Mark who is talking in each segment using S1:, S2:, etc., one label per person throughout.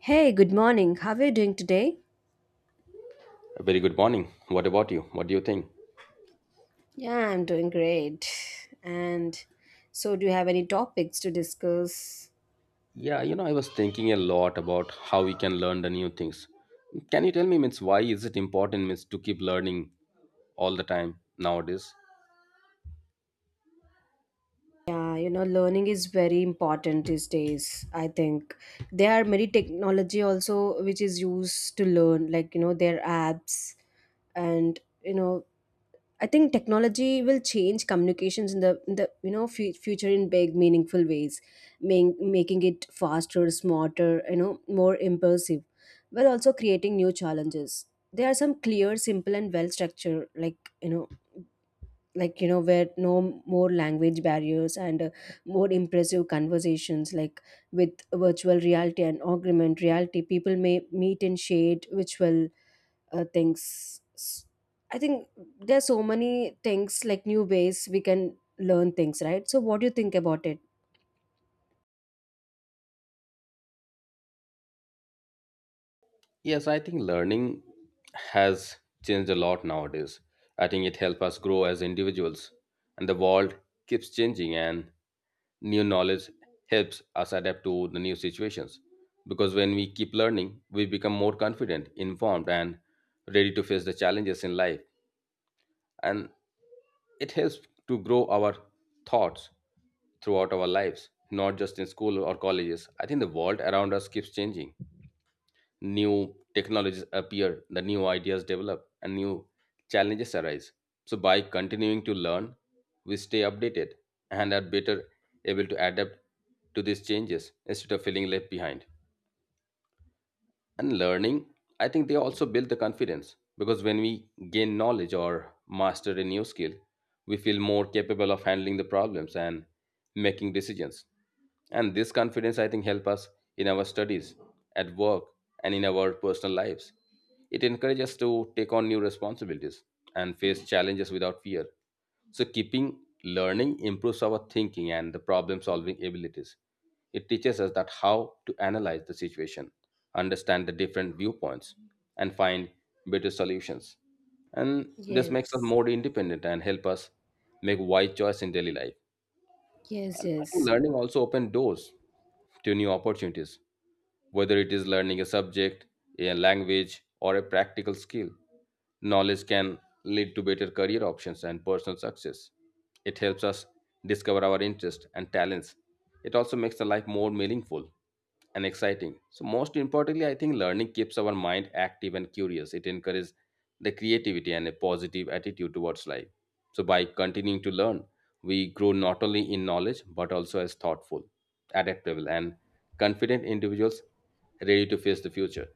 S1: Hey, good morning. How are you doing today?
S2: A very good morning. What about you? What do you think?
S1: Yeah, I'm doing great. And so, do you have any topics to discuss?
S2: Yeah, you know, I was thinking a lot about how we can learn the new things. Can you tell me, means, why is it important, means, to keep learning all the time nowadays?
S1: Yeah, you know, learning is very important these days, I think. There are many technology also which is used to learn, like, you know, their apps and, you know, I think technology will change communications in the future in big meaningful ways, making it faster, smarter, you know, more impulsive, while also creating new challenges. There are some clear, simple, and well structured, where no more language barriers and more impressive conversations, like with virtual reality and augmented reality. People may meet in shade, which will uh, things S- I think there's so many things, like, new ways we can learn things, right? So what do you think about it?
S2: Yes, I think learning has changed a lot nowadays. I think it helps us grow as individuals, and the world keeps changing, and new knowledge helps us adapt to the new situations. Because when we keep learning, we become more confident, informed, and ready to face the challenges in life. And it helps to grow our thoughts throughout our lives, not just in school or colleges. I think the world around us keeps changing, new technologies appear, the new ideas develop, and new challenges arise. So, by continuing to learn, we stay updated and are better able to adapt to these changes instead of feeling left behind. And learning, I think they also build the confidence, because when we gain knowledge or master a new skill, we feel more capable of handling the problems and making decisions. And this confidence, I think, help us in our studies, at work, and in our personal lives. It encourages us to take on new responsibilities and face challenges without fear. So, keeping learning improves our thinking and the problem solving abilities. It teaches us that how to analyze the situation, understand the different viewpoints, and find better solutions. And this makes us
S1: Yes,
S2: more independent and help us make wise choice in daily life.
S1: yes,
S2: And I think
S1: yes.
S2: learning also opens doors to new opportunities, whether it is learning a subject, a language, or a practical skill. Knowledge can lead to better career options and personal success. It helps us discover our interests and talents. It also makes the life more meaningful and exciting. So, most importantly, I think learning keeps our mind active and curious. It encourages the creativity and a positive attitude towards life. So, by continuing to learn, we grow not only in knowledge but also as thoughtful, adaptable, and confident individuals ready to face the future.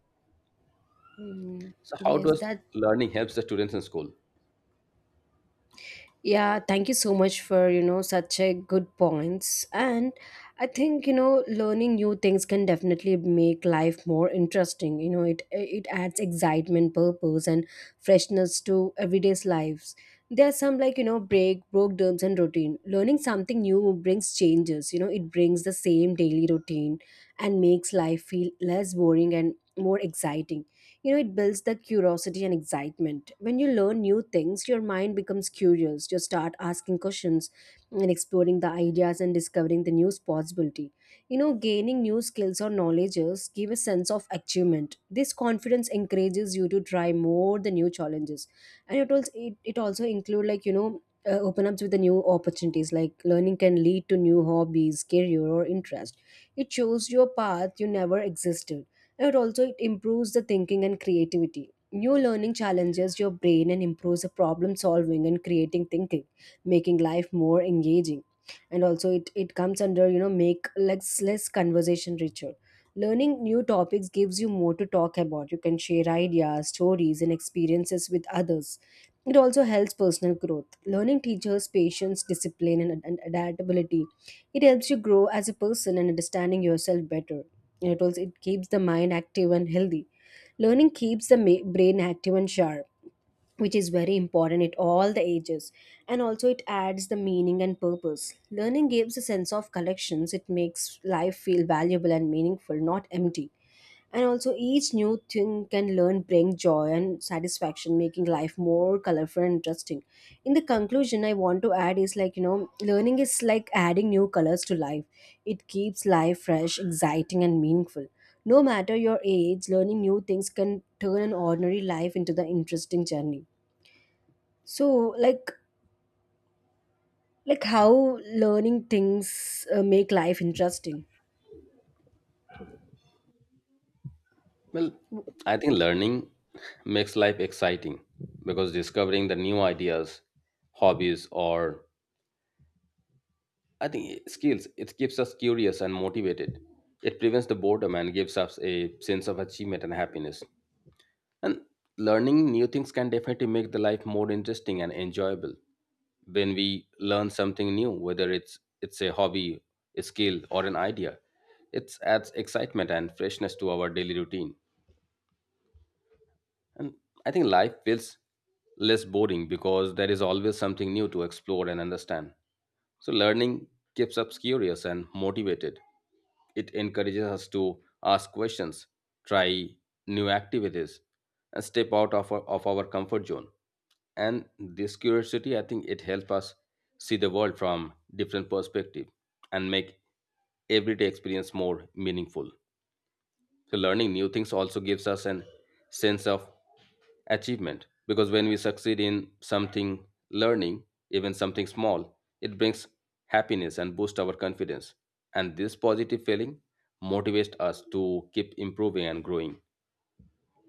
S1: Mm,
S2: So, how
S1: yes,
S2: does
S1: that.
S2: learning helps the students in school?
S1: Yeah, thank you so much for, you know, such a good points. And I think, you know, learning new things can definitely make life more interesting. You know, it adds excitement, purpose and freshness to everyday's lives. There are some like, you know, breakdowns and routine. Learning something new brings changes. You know, it brings the same daily routine and makes life feel less boring and more exciting. You know, it builds the curiosity and excitement. When you learn new things your mind becomes curious, you start asking questions and exploring the ideas and discovering the new possibility. You know, gaining new skills or knowledges give a sense of achievement. This confidence encourages you to try more the new challenges, and it also include, like, you know, open ups with the new opportunities. Like learning can lead to new hobbies, career or interest. It shows your path you never existed. It also it improves the thinking and creativity. New learning challenges your brain and improves the problem solving and creating thinking, making life more engaging. And also it comes under, you know, make less conversation richer. Learning new topics gives you more to talk about. You can share ideas, stories, and experiences with others. It also helps personal growth. Learning teaches patience, discipline, and adaptability. It helps you grow as a person and understanding yourself better. And It also it keeps the mind active and healthy. Learning keeps the brain active and sharp, which is very important at all the ages. And also it adds the meaning and purpose. Learning gives a sense of collections, it makes life feel valuable and meaningful, not empty. And also each new thing can learn bring joy and satisfaction, making life more colorful and interesting. In the conclusion, I want to add is, like, you know, learning is like adding new colors to life. It keeps life fresh, exciting and meaningful. No matter your age, learning new things can turn an ordinary life into the interesting journey. So, like how learning things make life interesting.
S2: Well, I think learning makes life exciting because discovering the new ideas, hobbies, or I think skills, it keeps us curious and motivated. It prevents the boredom and gives us a sense of achievement and happiness. And learning new things can definitely make the life more interesting and enjoyable. When we learn something new, whether it's a hobby, a skill, or an idea, it adds excitement and freshness to our daily routine. And I think life feels less boring because there is always something new to explore and understand. So learning keeps us curious and motivated. It encourages us to ask questions, try new activities, and step out of our comfort zone. And this curiosity, I think it helps us see the world from different perspective and make everyday experience more meaningful. So learning new things also gives us an sense of achievement, because when we succeed in something, learning, even something small, it brings happiness and boosts our confidence. And this positive feeling motivates us to keep improving and growing.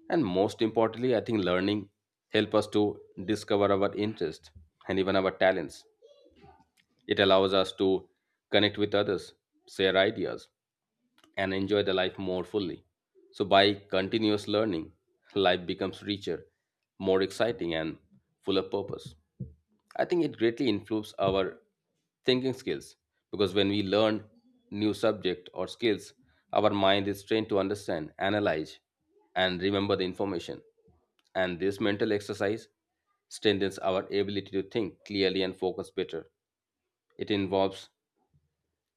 S2: And most importantly, I think learning helps us to discover our interests and even our talents. It allows us to connect with others, share ideas, and enjoy the life more fully. So, by continuous learning, life becomes richer, more exciting, and full of purpose. I think it greatly improves our thinking skills, because when we learn new subject or skills, our mind is trained to understand, analyze, and remember the information. And this mental exercise strengthens our ability to think clearly and focus better. It involves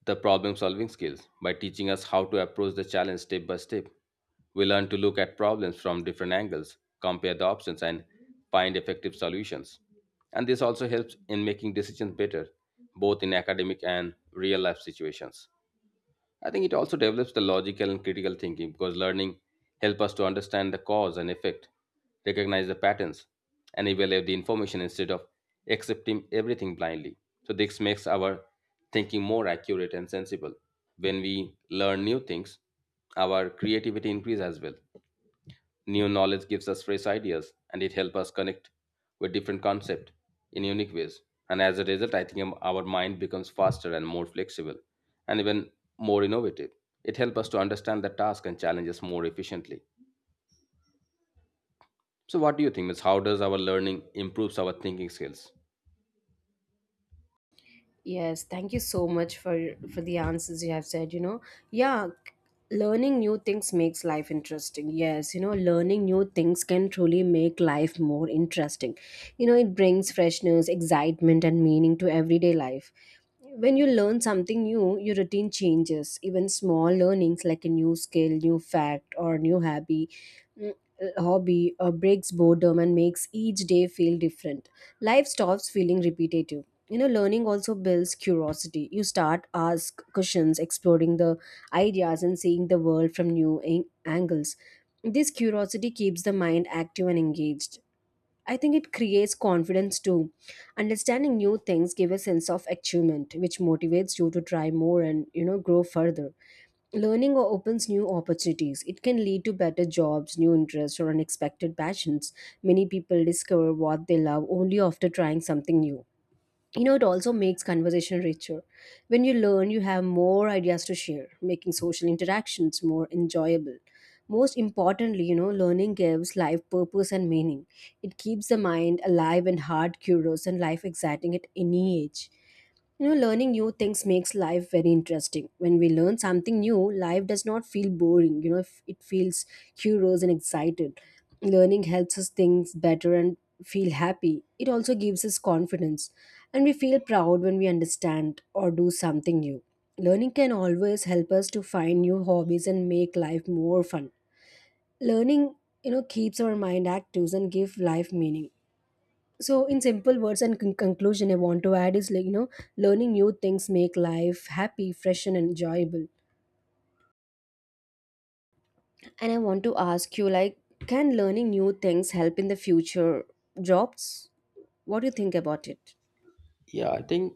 S2: the problem solving skills by teaching us how to approach the challenge step by step. We learn to look at problems from different angles, compare the options, and find effective solutions. And this also helps in making decisions better, both in academic and real life situations. I think it also develops the logical and critical thinking, because learning helps us to understand the cause and effect, recognize the patterns, and evaluate the information instead of accepting everything blindly. So, this makes our thinking more accurate and sensible. When we learn new things, our creativity increases as well. New knowledge gives us fresh ideas and it helps us connect with different concepts in unique ways. And as a result, I think our mind becomes faster and more flexible and even more innovative. It helps us to understand the task and challenges more efficiently. So, what do you think, Miss? How does our learning improves our thinking skills?
S1: Yes, thank you so much for the answers you have said, you know. Yeah, learning new things makes life interesting. Yes, you know, learning new things can truly make life more interesting. You know, it brings freshness, excitement and meaning to everyday life. When you learn something new, your routine changes. Even small learnings like a new skill, new fact, or new hobby, mm, breaks boredom and makes each day feel different. Life stops feeling repetitive. You know, learning also builds curiosity. You start ask questions, exploring the ideas, and seeing the world from new angles. This curiosity keeps the mind active and engaged. I think it creates confidence too. Understanding new things give a sense of achievement, which motivates you to try more and, you know, grow further. Learning opens new opportunities. It can lead to better jobs, new interests, or unexpected passions. Many people discover what they love only after trying something new. You know, it also makes conversation richer. When you learn you have more ideas to share, making social interactions more enjoyable. Most importantly, you know, learning gives life purpose and meaning. It keeps the mind alive and heart curious and life exciting at any age. You know, learning new things makes life very interesting. When we learn something new, life does not feel boring. You know, if it feels curious and excited. Learning helps us think better and feel happy. It also gives us confidence, and we feel proud when we understand or do something new. Learning can always help us to find new hobbies and make life more fun. Learning, you know, keeps our mind active and give life meaning. So in simple words and conclusion, I want to add is, like, you know, learning new things make life happy, fresh and enjoyable. And I want to ask you, like, can learning new things help in the future jobs? What do you think about it?
S2: Yeah, I think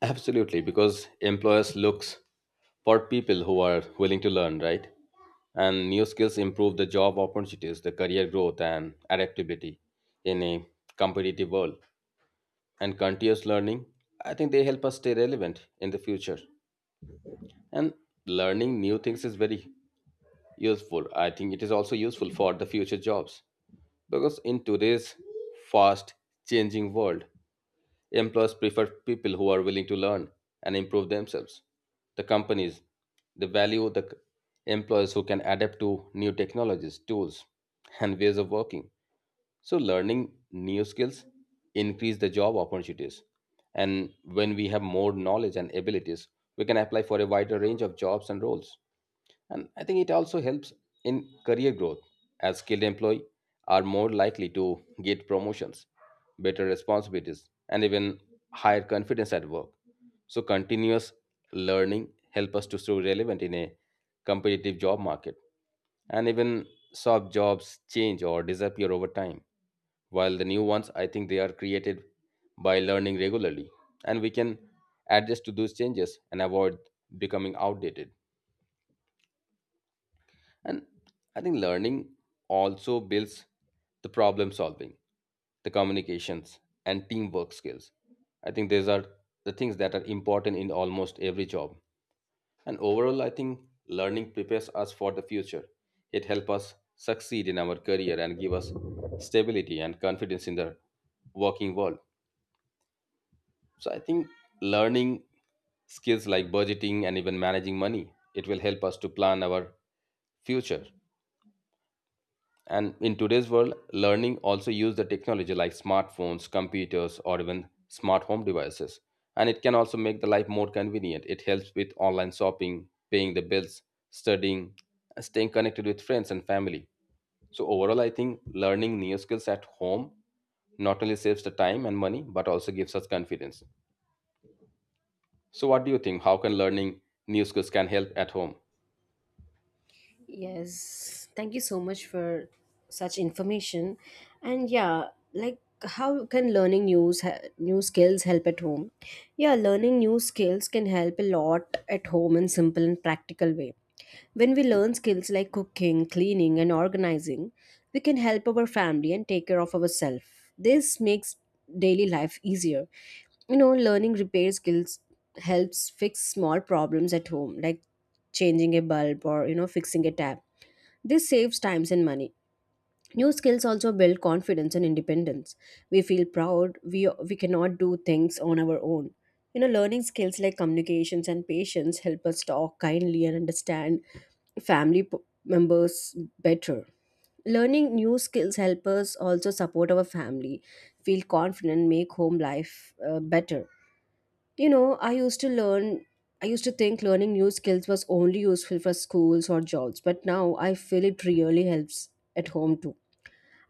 S2: absolutely, because employers looks for people who are willing to learn, right? And new skills improve the job opportunities, the career growth, and adaptability in a competitive world. And continuous learning, I think they help us stay relevant in the future. And learning new things is very useful. I think it is also useful for the future jobs, because in today's fast changing world, employers prefer people who are willing to learn and improve themselves. The companies, they value the employees who can adapt to new technologies, tools, and ways of working. So learning new skills increase the job opportunities. And when we have more knowledge and abilities, we can apply for a wider range of jobs and roles. And I think it also helps in career growth, as skilled employees are more likely to get promotions, better responsibilities, and even higher confidence at work. So continuous learning help us to stay relevant in a competitive job market. And even soft jobs change or disappear over time. While the new ones, I think they are created by learning regularly. And we can adjust to those changes and avoid becoming outdated. And I think learning also builds the problem solving, the communications, and teamwork skills. I think these are the things that are important in almost every job. And overall, I think learning prepares us for the future. It helps us succeed in our career and give us stability and confidence in the working world. So I think learning skills like budgeting and even managing money, it will help us to plan our future. And in today's world, learning also use the technology like smartphones, computers, or even smart home devices. And it can also make the life more convenient. It helps with online shopping, paying the bills, studying, and staying connected with friends and family. So overall, I think learning new skills at home not only saves the time and money, but also gives us confidence. So what do you think? How can learning new skills can help at home?
S1: Yes, thank you so much for such information. And yeah, like how can learning new skills help at home? Yeah, learning new skills can help a lot at home in simple and practical way. When we learn skills like cooking, cleaning, and organizing, we can help our family and take care of ourselves. This makes daily life easier. You know, learning repair skills helps fix small problems at home, like changing a bulb or, you know, fixing a tap. This saves times and money. New skills also build confidence and independence. We feel proud, we cannot do things on our own. You know, learning skills like communications and patience help us talk kindly and understand family members better. Learning new skills help us also support our family, feel confident, make home life better. You know, I used to think learning new skills was only useful for schools or jobs, but now I feel it really helps at home too.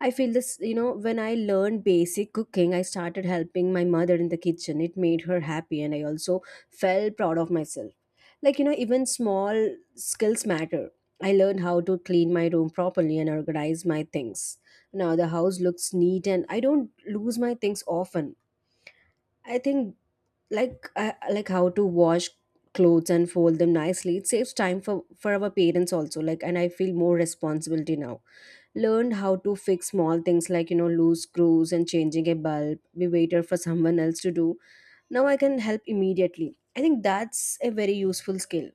S1: I feel this, you know, when I learned basic cooking, I started helping my mother in the kitchen. It made her happy, and I also felt proud of myself. Like, you know, even small skills matter. I learned how to clean my room properly and organize my things. Now the house looks neat, and I don't lose my things often. I think, like, I like how to wash clothes and fold them nicely. It saves time for our parents also, like, and I feel more responsibility now. Learned how to fix small things, like, you know, loose screws and changing a bulb. We waited for someone else to do, now I can help immediately. I think that's a very useful skill.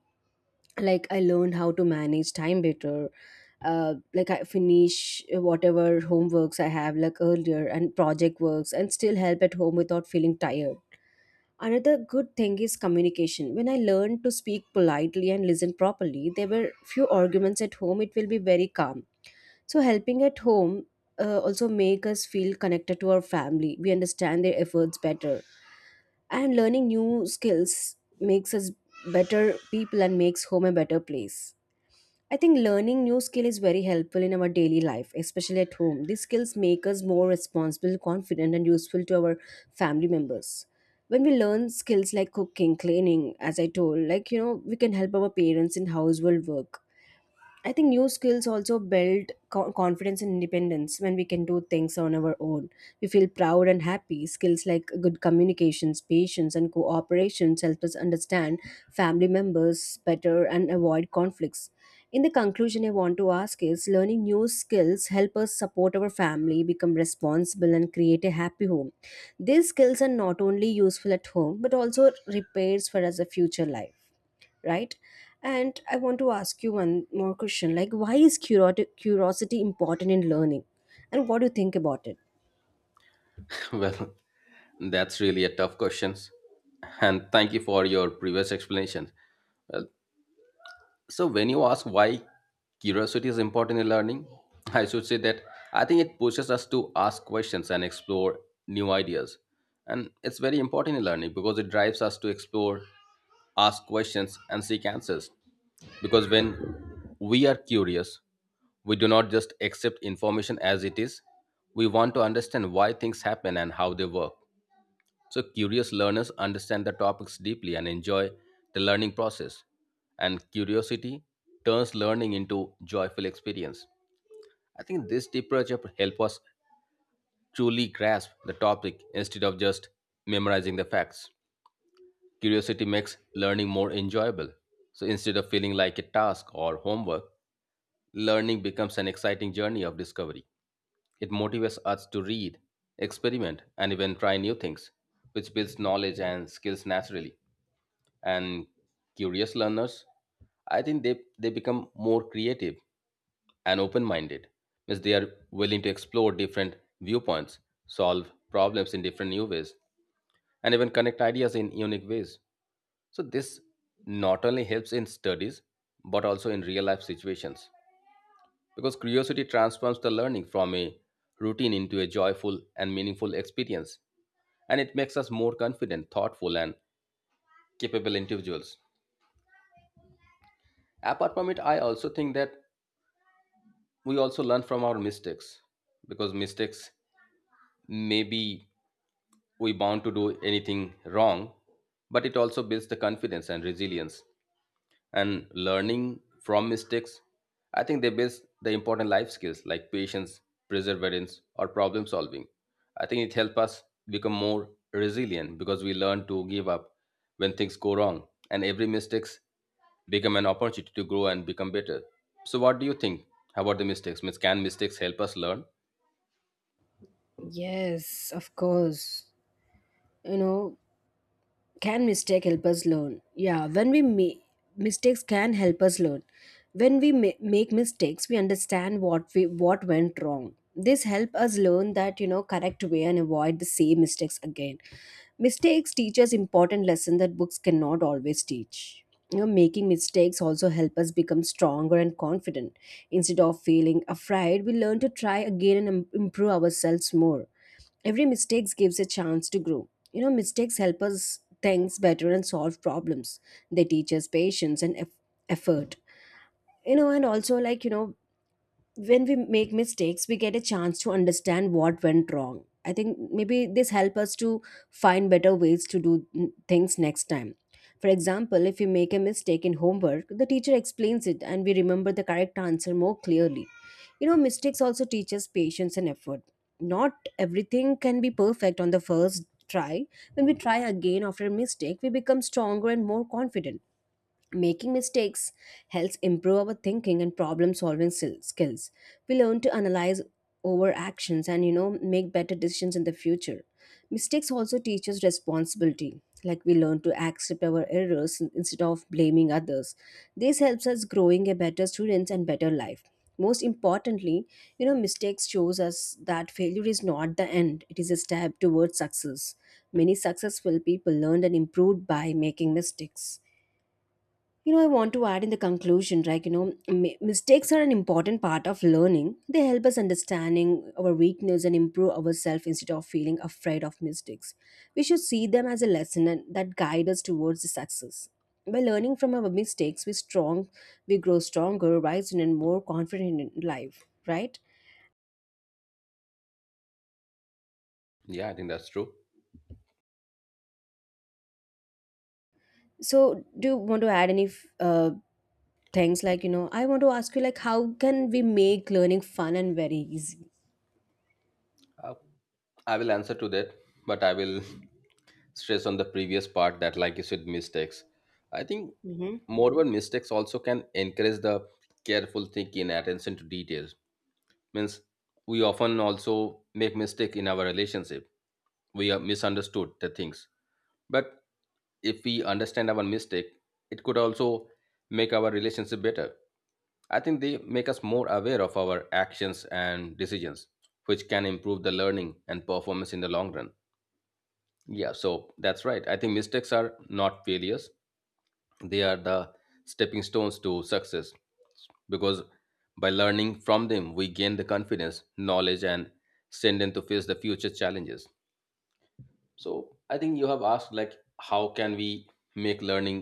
S1: Like, I learned how to manage time better. Like, I finish whatever homeworks I have like earlier and project works and still help at home without feeling tired. Another good thing is communication. When I learned to speak politely and listen properly, there were few arguments at home. It will be very calm. So helping at home also make us feel connected to our family. We understand their efforts better. And learning new skills makes us better people and makes home a better place. I think learning new skill is very helpful in our daily life, especially at home. These skills make us more responsible, confident, and useful to our family members. When we learn skills like cooking, cleaning, as I told, like, you know, we can help our parents in household work. I think new skills also build confidence and independence. When we can do things on our own, we feel proud and happy. Skills like good communications, patience, and cooperation help us understand family members better and avoid conflicts. In the conclusion, I want to ask is learning new skills help us support our family, become responsible, and create a happy home. These skills are not only useful at home but also repairs for us a future life, right? And I want to ask you one more question, like, why is curiosity important in learning, and what do you think about it?
S2: Well, that's really a tough question. And thank you for your previous explanations. So, when you ask why curiosity is important in learning, I should say that I think it pushes us to ask questions and explore new ideas. And it's very important in learning because it drives us to explore, ask questions, and seek answers. Because when we are curious, we do not just accept information as it is, we want to understand why things happen and how they work. So, curious learners understand the topics deeply and enjoy the learning process. And curiosity turns learning into joyful experience. I think this approach help us truly grasp the topic instead of just memorizing the facts. Curiosity makes learning more enjoyable. So instead of feeling like a task or homework, learning becomes an exciting journey of discovery. It motivates us to read, experiment, and even try new things, which builds knowledge and skills naturally. And curious learners, I think they become more creative and open minded. Means they are willing to explore different viewpoints, solve problems in different new ways, and even connect ideas in unique ways. So this not only helps in studies but also in real life situations. Because curiosity transforms the learning from a routine into a joyful and meaningful experience. And it makes us more confident, thoughtful, and capable individuals. Apart from it, I also think that we also learn from our mistakes, because mistakes, maybe we bound to do anything wrong, but it also builds the confidence and resilience. And learning from mistakes, I think they base the important life skills like patience, perseverance, or problem solving. I think it helps us become more resilient because we learn to give up when things go wrong, and every mistakes become an opportunity to grow and become better. So, what do you think about the mistakes? Means, can mistakes help us learn?
S1: Yes, of course. You know, can mistake help us learn? Yeah, when we make mistakes can help us learn. When we make mistakes, we understand what went wrong. This help us learn that, you know, correct way and avoid the same mistakes again. Mistakes teach us important lesson that books cannot always teach. You know, making mistakes also help us become stronger and confident. Instead of feeling afraid, we learn to try again and improve ourselves more. Every mistakes gives a chance to grow. Mistakes help us things better and solve problems. They teach us patience and effort. And also, like, when we make mistakes, we get a chance to understand what went wrong. I think maybe this help us to find better ways to do things next time. For example, if we make a mistake in homework, the teacher explains it, and we remember the correct answer more clearly. Mistakes also teach us patience and effort. Not everything can be perfect on the first try. When we try again after a mistake, we become stronger and more confident. Making mistakes helps improve our thinking and problem solving skills. We learn to analyze our actions and make better decisions in the future. Mistakes also teach us responsibility. Like, we learn to accept our errors instead of blaming others. This helps us growing a better students and better life. Most importantly, mistakes shows us that failure is not the end. It is a step towards success. Many successful people learned and improved by making mistakes. I want to add in the conclusion, like, mistakes are an important part of learning. They help us understanding our weakness and improve ourselves instead of feeling afraid of mistakes. We should see them as a lesson and that guide us towards the success. By learning from our mistakes, we grow stronger, wiser, and more confident in life, right?
S2: Yeah, I think that's true.
S1: So, do you want to add any things like, I want to ask you, like, how can we make learning fun and very easy?
S2: Uh, I will answer to that, but I will stress on the previous part that, like you said, mistakes. I think,
S1: Mm-hmm.
S2: moreover, mistakes also can encourage the careful thinking and attention to details. Means we often also make mistake in our relationship. We are misunderstood the things. But if we understand our mistake, it could also make our relationship better. I think they make us more aware of our actions and decisions, which can improve the learning and performance in the long run. Yeah, so that's right. I think mistakes are not failures. They are the stepping stones to success, because by learning from them we gain the confidence, knowledge, and strength to face the future challenges. So I think you have asked, like, how can we make learning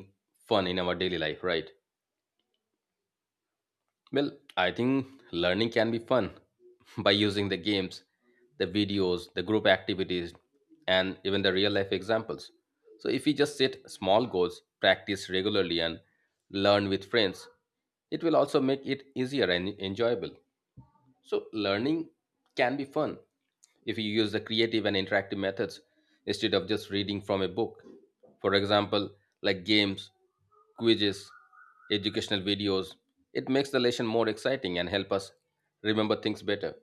S2: fun in our daily life, right? Well, I think learning can be fun by using the games, the videos, the group activities, and even the real life examples. So, if we just set small goals, practice regularly, and learn with friends, it will also make it easier and enjoyable. So, learning can be fun if you use the creative and interactive methods instead of just reading from a book. For example, like games, quizzes, educational videos. It makes the lesson more exciting and help us remember things better.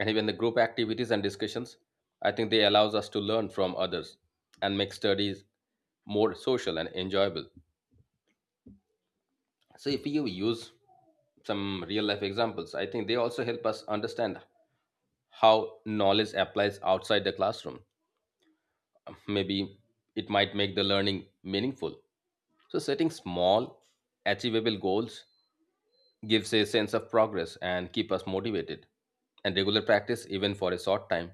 S2: And even the group activities and discussions, I think they allows us to learn from others and make studies more social and enjoyable. So if you use some real life examples, I think they also help us understand how knowledge applies outside the classroom. Maybe it might make the learning meaningful. So setting small, achievable goals gives a sense of progress and keep us motivated. And regular practice, even for a short time,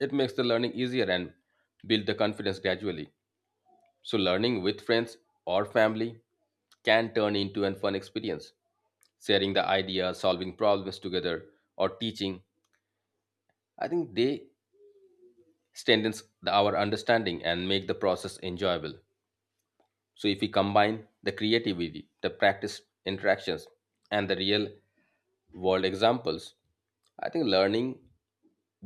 S2: it makes the learning easier and build the confidence gradually. So learning with friends or family can turn into an fun experience. Sharing the ideas, solving problems together, or teaching, I think they our understanding and make the process enjoyable. So if we combine the creativity, the practice interactions, and the real world examples, I think learning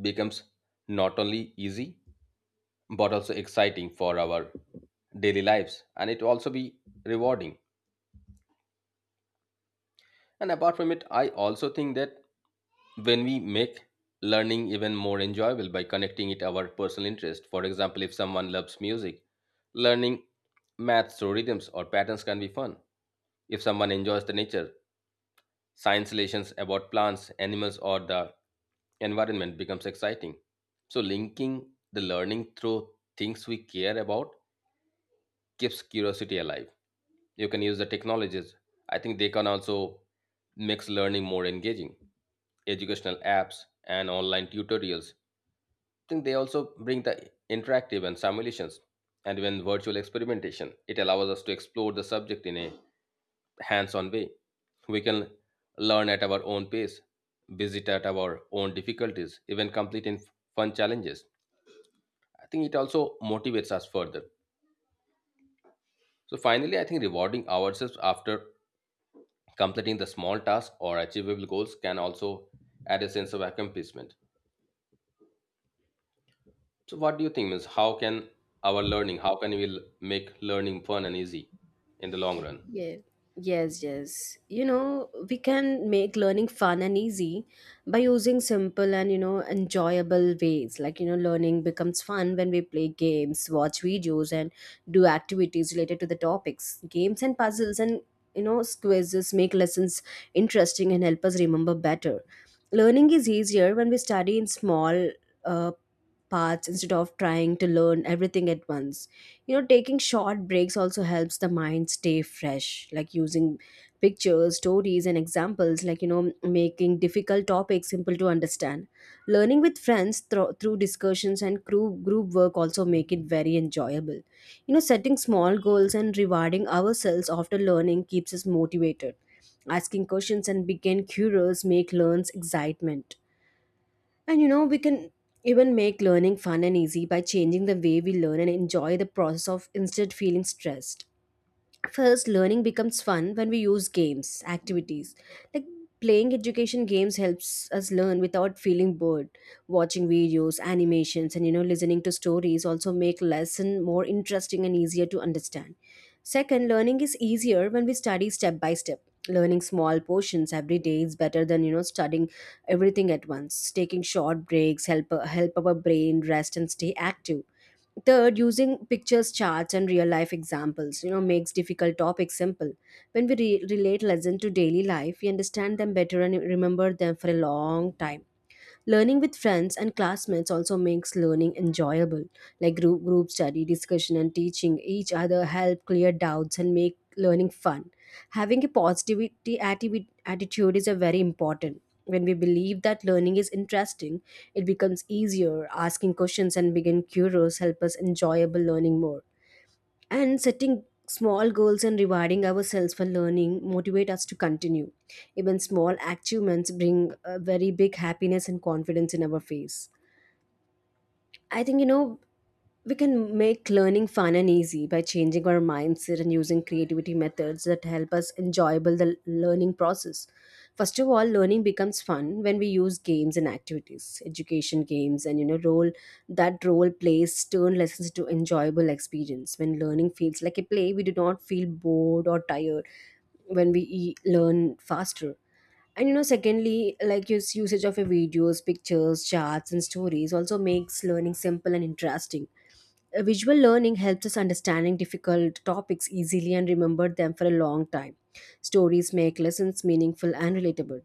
S2: becomes not only easy but also exciting for our daily lives, and it will also be rewarding. And apart from it, I also think that when we make learning even more enjoyable by connecting it our personal interest. For example, if someone loves music, learning maths or rhythms or patterns can be fun. If someone enjoys the nature, Science-lations about plants, animals, or the environment becomes exciting. So, linking the learning through things we care about keeps curiosity alive. You can use the technologies. I think they can also makes learning more engaging. Educational apps and online tutorials, I think they also bring the interactive and simulations and even virtual experimentation. It allows us to explore the subject in a hands-on way. We can learn at our own pace, visit at our own difficulties, even complete in fun challenges. I think it also motivates us further. So finally, I think rewarding ourselves after completing the small tasks or achievable goals can also add a sense of accomplishment. So what do you think, means, how can our learning, how can make learning fun and easy in the long run?
S1: Yeah. Yes, yes. We can make learning fun and easy by using simple and, enjoyable ways. Like, learning becomes fun when we play games, watch videos, and do activities related to the topics. Games and puzzles and, quizzes make lessons interesting and help us remember better. Learning is easier when we study in small uh, parts instead of trying to learn everything at once. Taking short breaks also helps the mind stay fresh, like using pictures, stories, and examples, like, making difficult topics simple to understand. Learning with friends through discussions and group work also make it very enjoyable. Setting small goals and rewarding ourselves after learning keeps us motivated. Asking questions and being curious make learns excitement. And we can even make learning fun and easy by changing the way we learn and enjoy the process of instead feeling stressed. First, learning becomes fun when we use games, activities. Like playing education games helps us learn without feeling bored. Watching videos, animations, and listening to stories also make lesson more interesting and easier to understand. Second, learning is easier when we study step by step. Learning small portions every day is better than studying everything at once. Taking short breaks help our brain rest and stay active. Third, using pictures, charts, and real life examples, makes difficult topics simple. When we relate lesson to daily life, we understand them better and remember them for a long time. Learning with friends and classmates also makes learning enjoyable. Like group study, discussion, and teaching each other help clear doubts and make learning fun. Having a positivity attitude is a very important. When we believe that learning is interesting, it becomes easier. Asking questions and being curious help us enjoyable learning more, and setting small goals and rewarding ourselves for learning motivate us to continue. Even small achievements bring a very big happiness and confidence in our face. I think, we can make learning fun and easy by changing our mindset and using creativity methods that help us enjoyable the learning process. First of all, learning becomes fun when we use games and activities. Education games and role plays turn lessons to enjoyable experience. When learning feels like a play, we do not feel bored or tired when we learn faster. And secondly, like use usage of your videos, pictures, charts, and stories also makes learning simple and interesting. Visual learning helps us understanding difficult topics easily and remember them for a long time. Stories make lessons meaningful and relatable.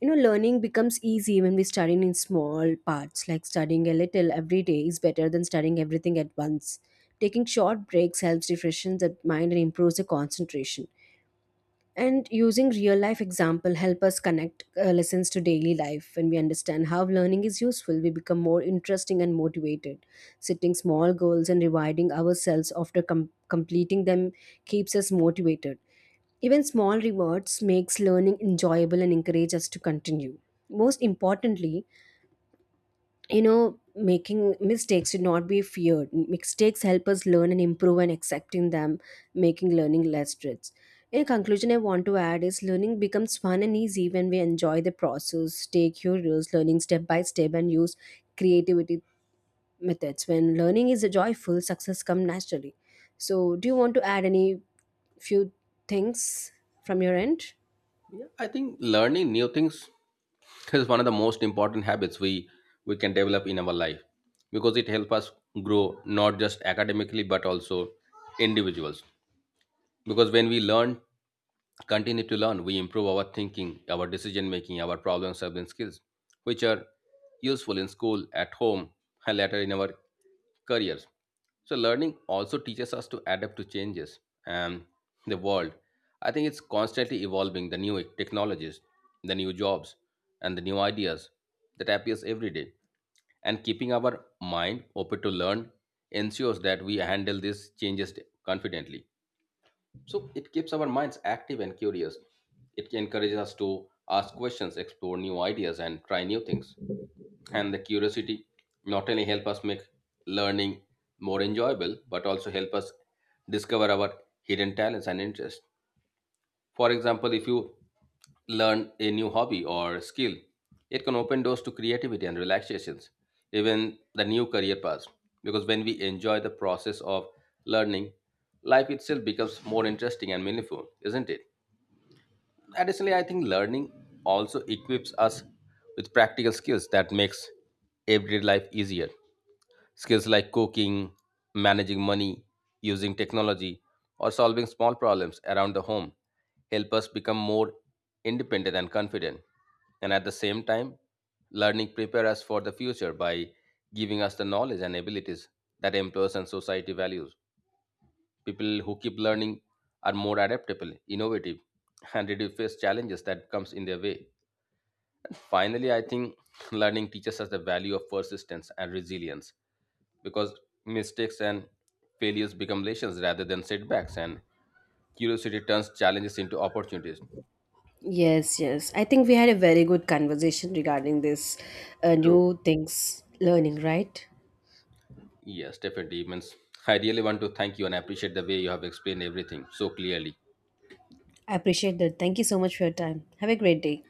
S1: Learning becomes easy when we study in small parts, like studying a little every day is better than studying everything at once. Taking short breaks helps refreshes the mind and improves the concentration. And using real life example help us connect lessons to daily life. When we understand how learning is useful, we become more interesting and motivated. Setting small goals and rewarding ourselves after completing them keeps us motivated. Even small rewards makes learning enjoyable and encourage us to continue. Most importantly, making mistakes should not be feared. Mistakes help us learn and improve, and accepting them making learning less stress. In conclusion, I want to add is learning becomes fun and easy when we enjoy the process, stay curious, learning step by step, and use creativity methods. When learning is joyful, success comes naturally. So, do you want to add any few things from your end?
S2: Yeah, I think learning new things, this is one of the most important habits we can develop in our life, because it helps us grow not just academically but also individuals. Because when we learn continue to learn, we improve our thinking, our decision making, our problem solving skills, which are useful in school, at home, and later in our careers. So, learning also teaches us to adapt to changes and the world. I think it's constantly evolving: the new technologies, the new jobs, and the new ideas that appears every day. And keeping our mind open to learn ensures that we handle these changes confidently. So it keeps our minds active and curious. It encourages us to ask questions, explore new ideas, and try new things. And the curiosity not only help us make learning more enjoyable, but also help us discover our hidden talents and interests. For example, if you learn a new hobby or skill, it can open doors to creativity and relaxations, even the new career paths. Because when we enjoy the process of learning, life itself becomes more interesting and meaningful, isn't it? Additionally, I think learning also equips us with practical skills that makes everyday life easier. Skills like cooking, managing money, using technology, or solving small problems around the home help us become more independent and confident. And at the same time, learning prepare us for the future by giving us the knowledge and abilities that employers and society values. People who keep learning are more adaptable, innovative, and ready to face challenges that comes in their way. Finally, I think learning teaches us the value of persistence and resilience, because mistakes and failures become lessons rather than setbacks, and curiosity turns challenges into opportunities.
S1: Yes, yes. I think we had a very good conversation regarding this
S2: True.
S1: new things learning, right?
S2: Yes, definitely, means I really want to thank you and appreciate the way you have explained everything so clearly.
S1: I appreciate that. Thank you so much for your time. Have a great day.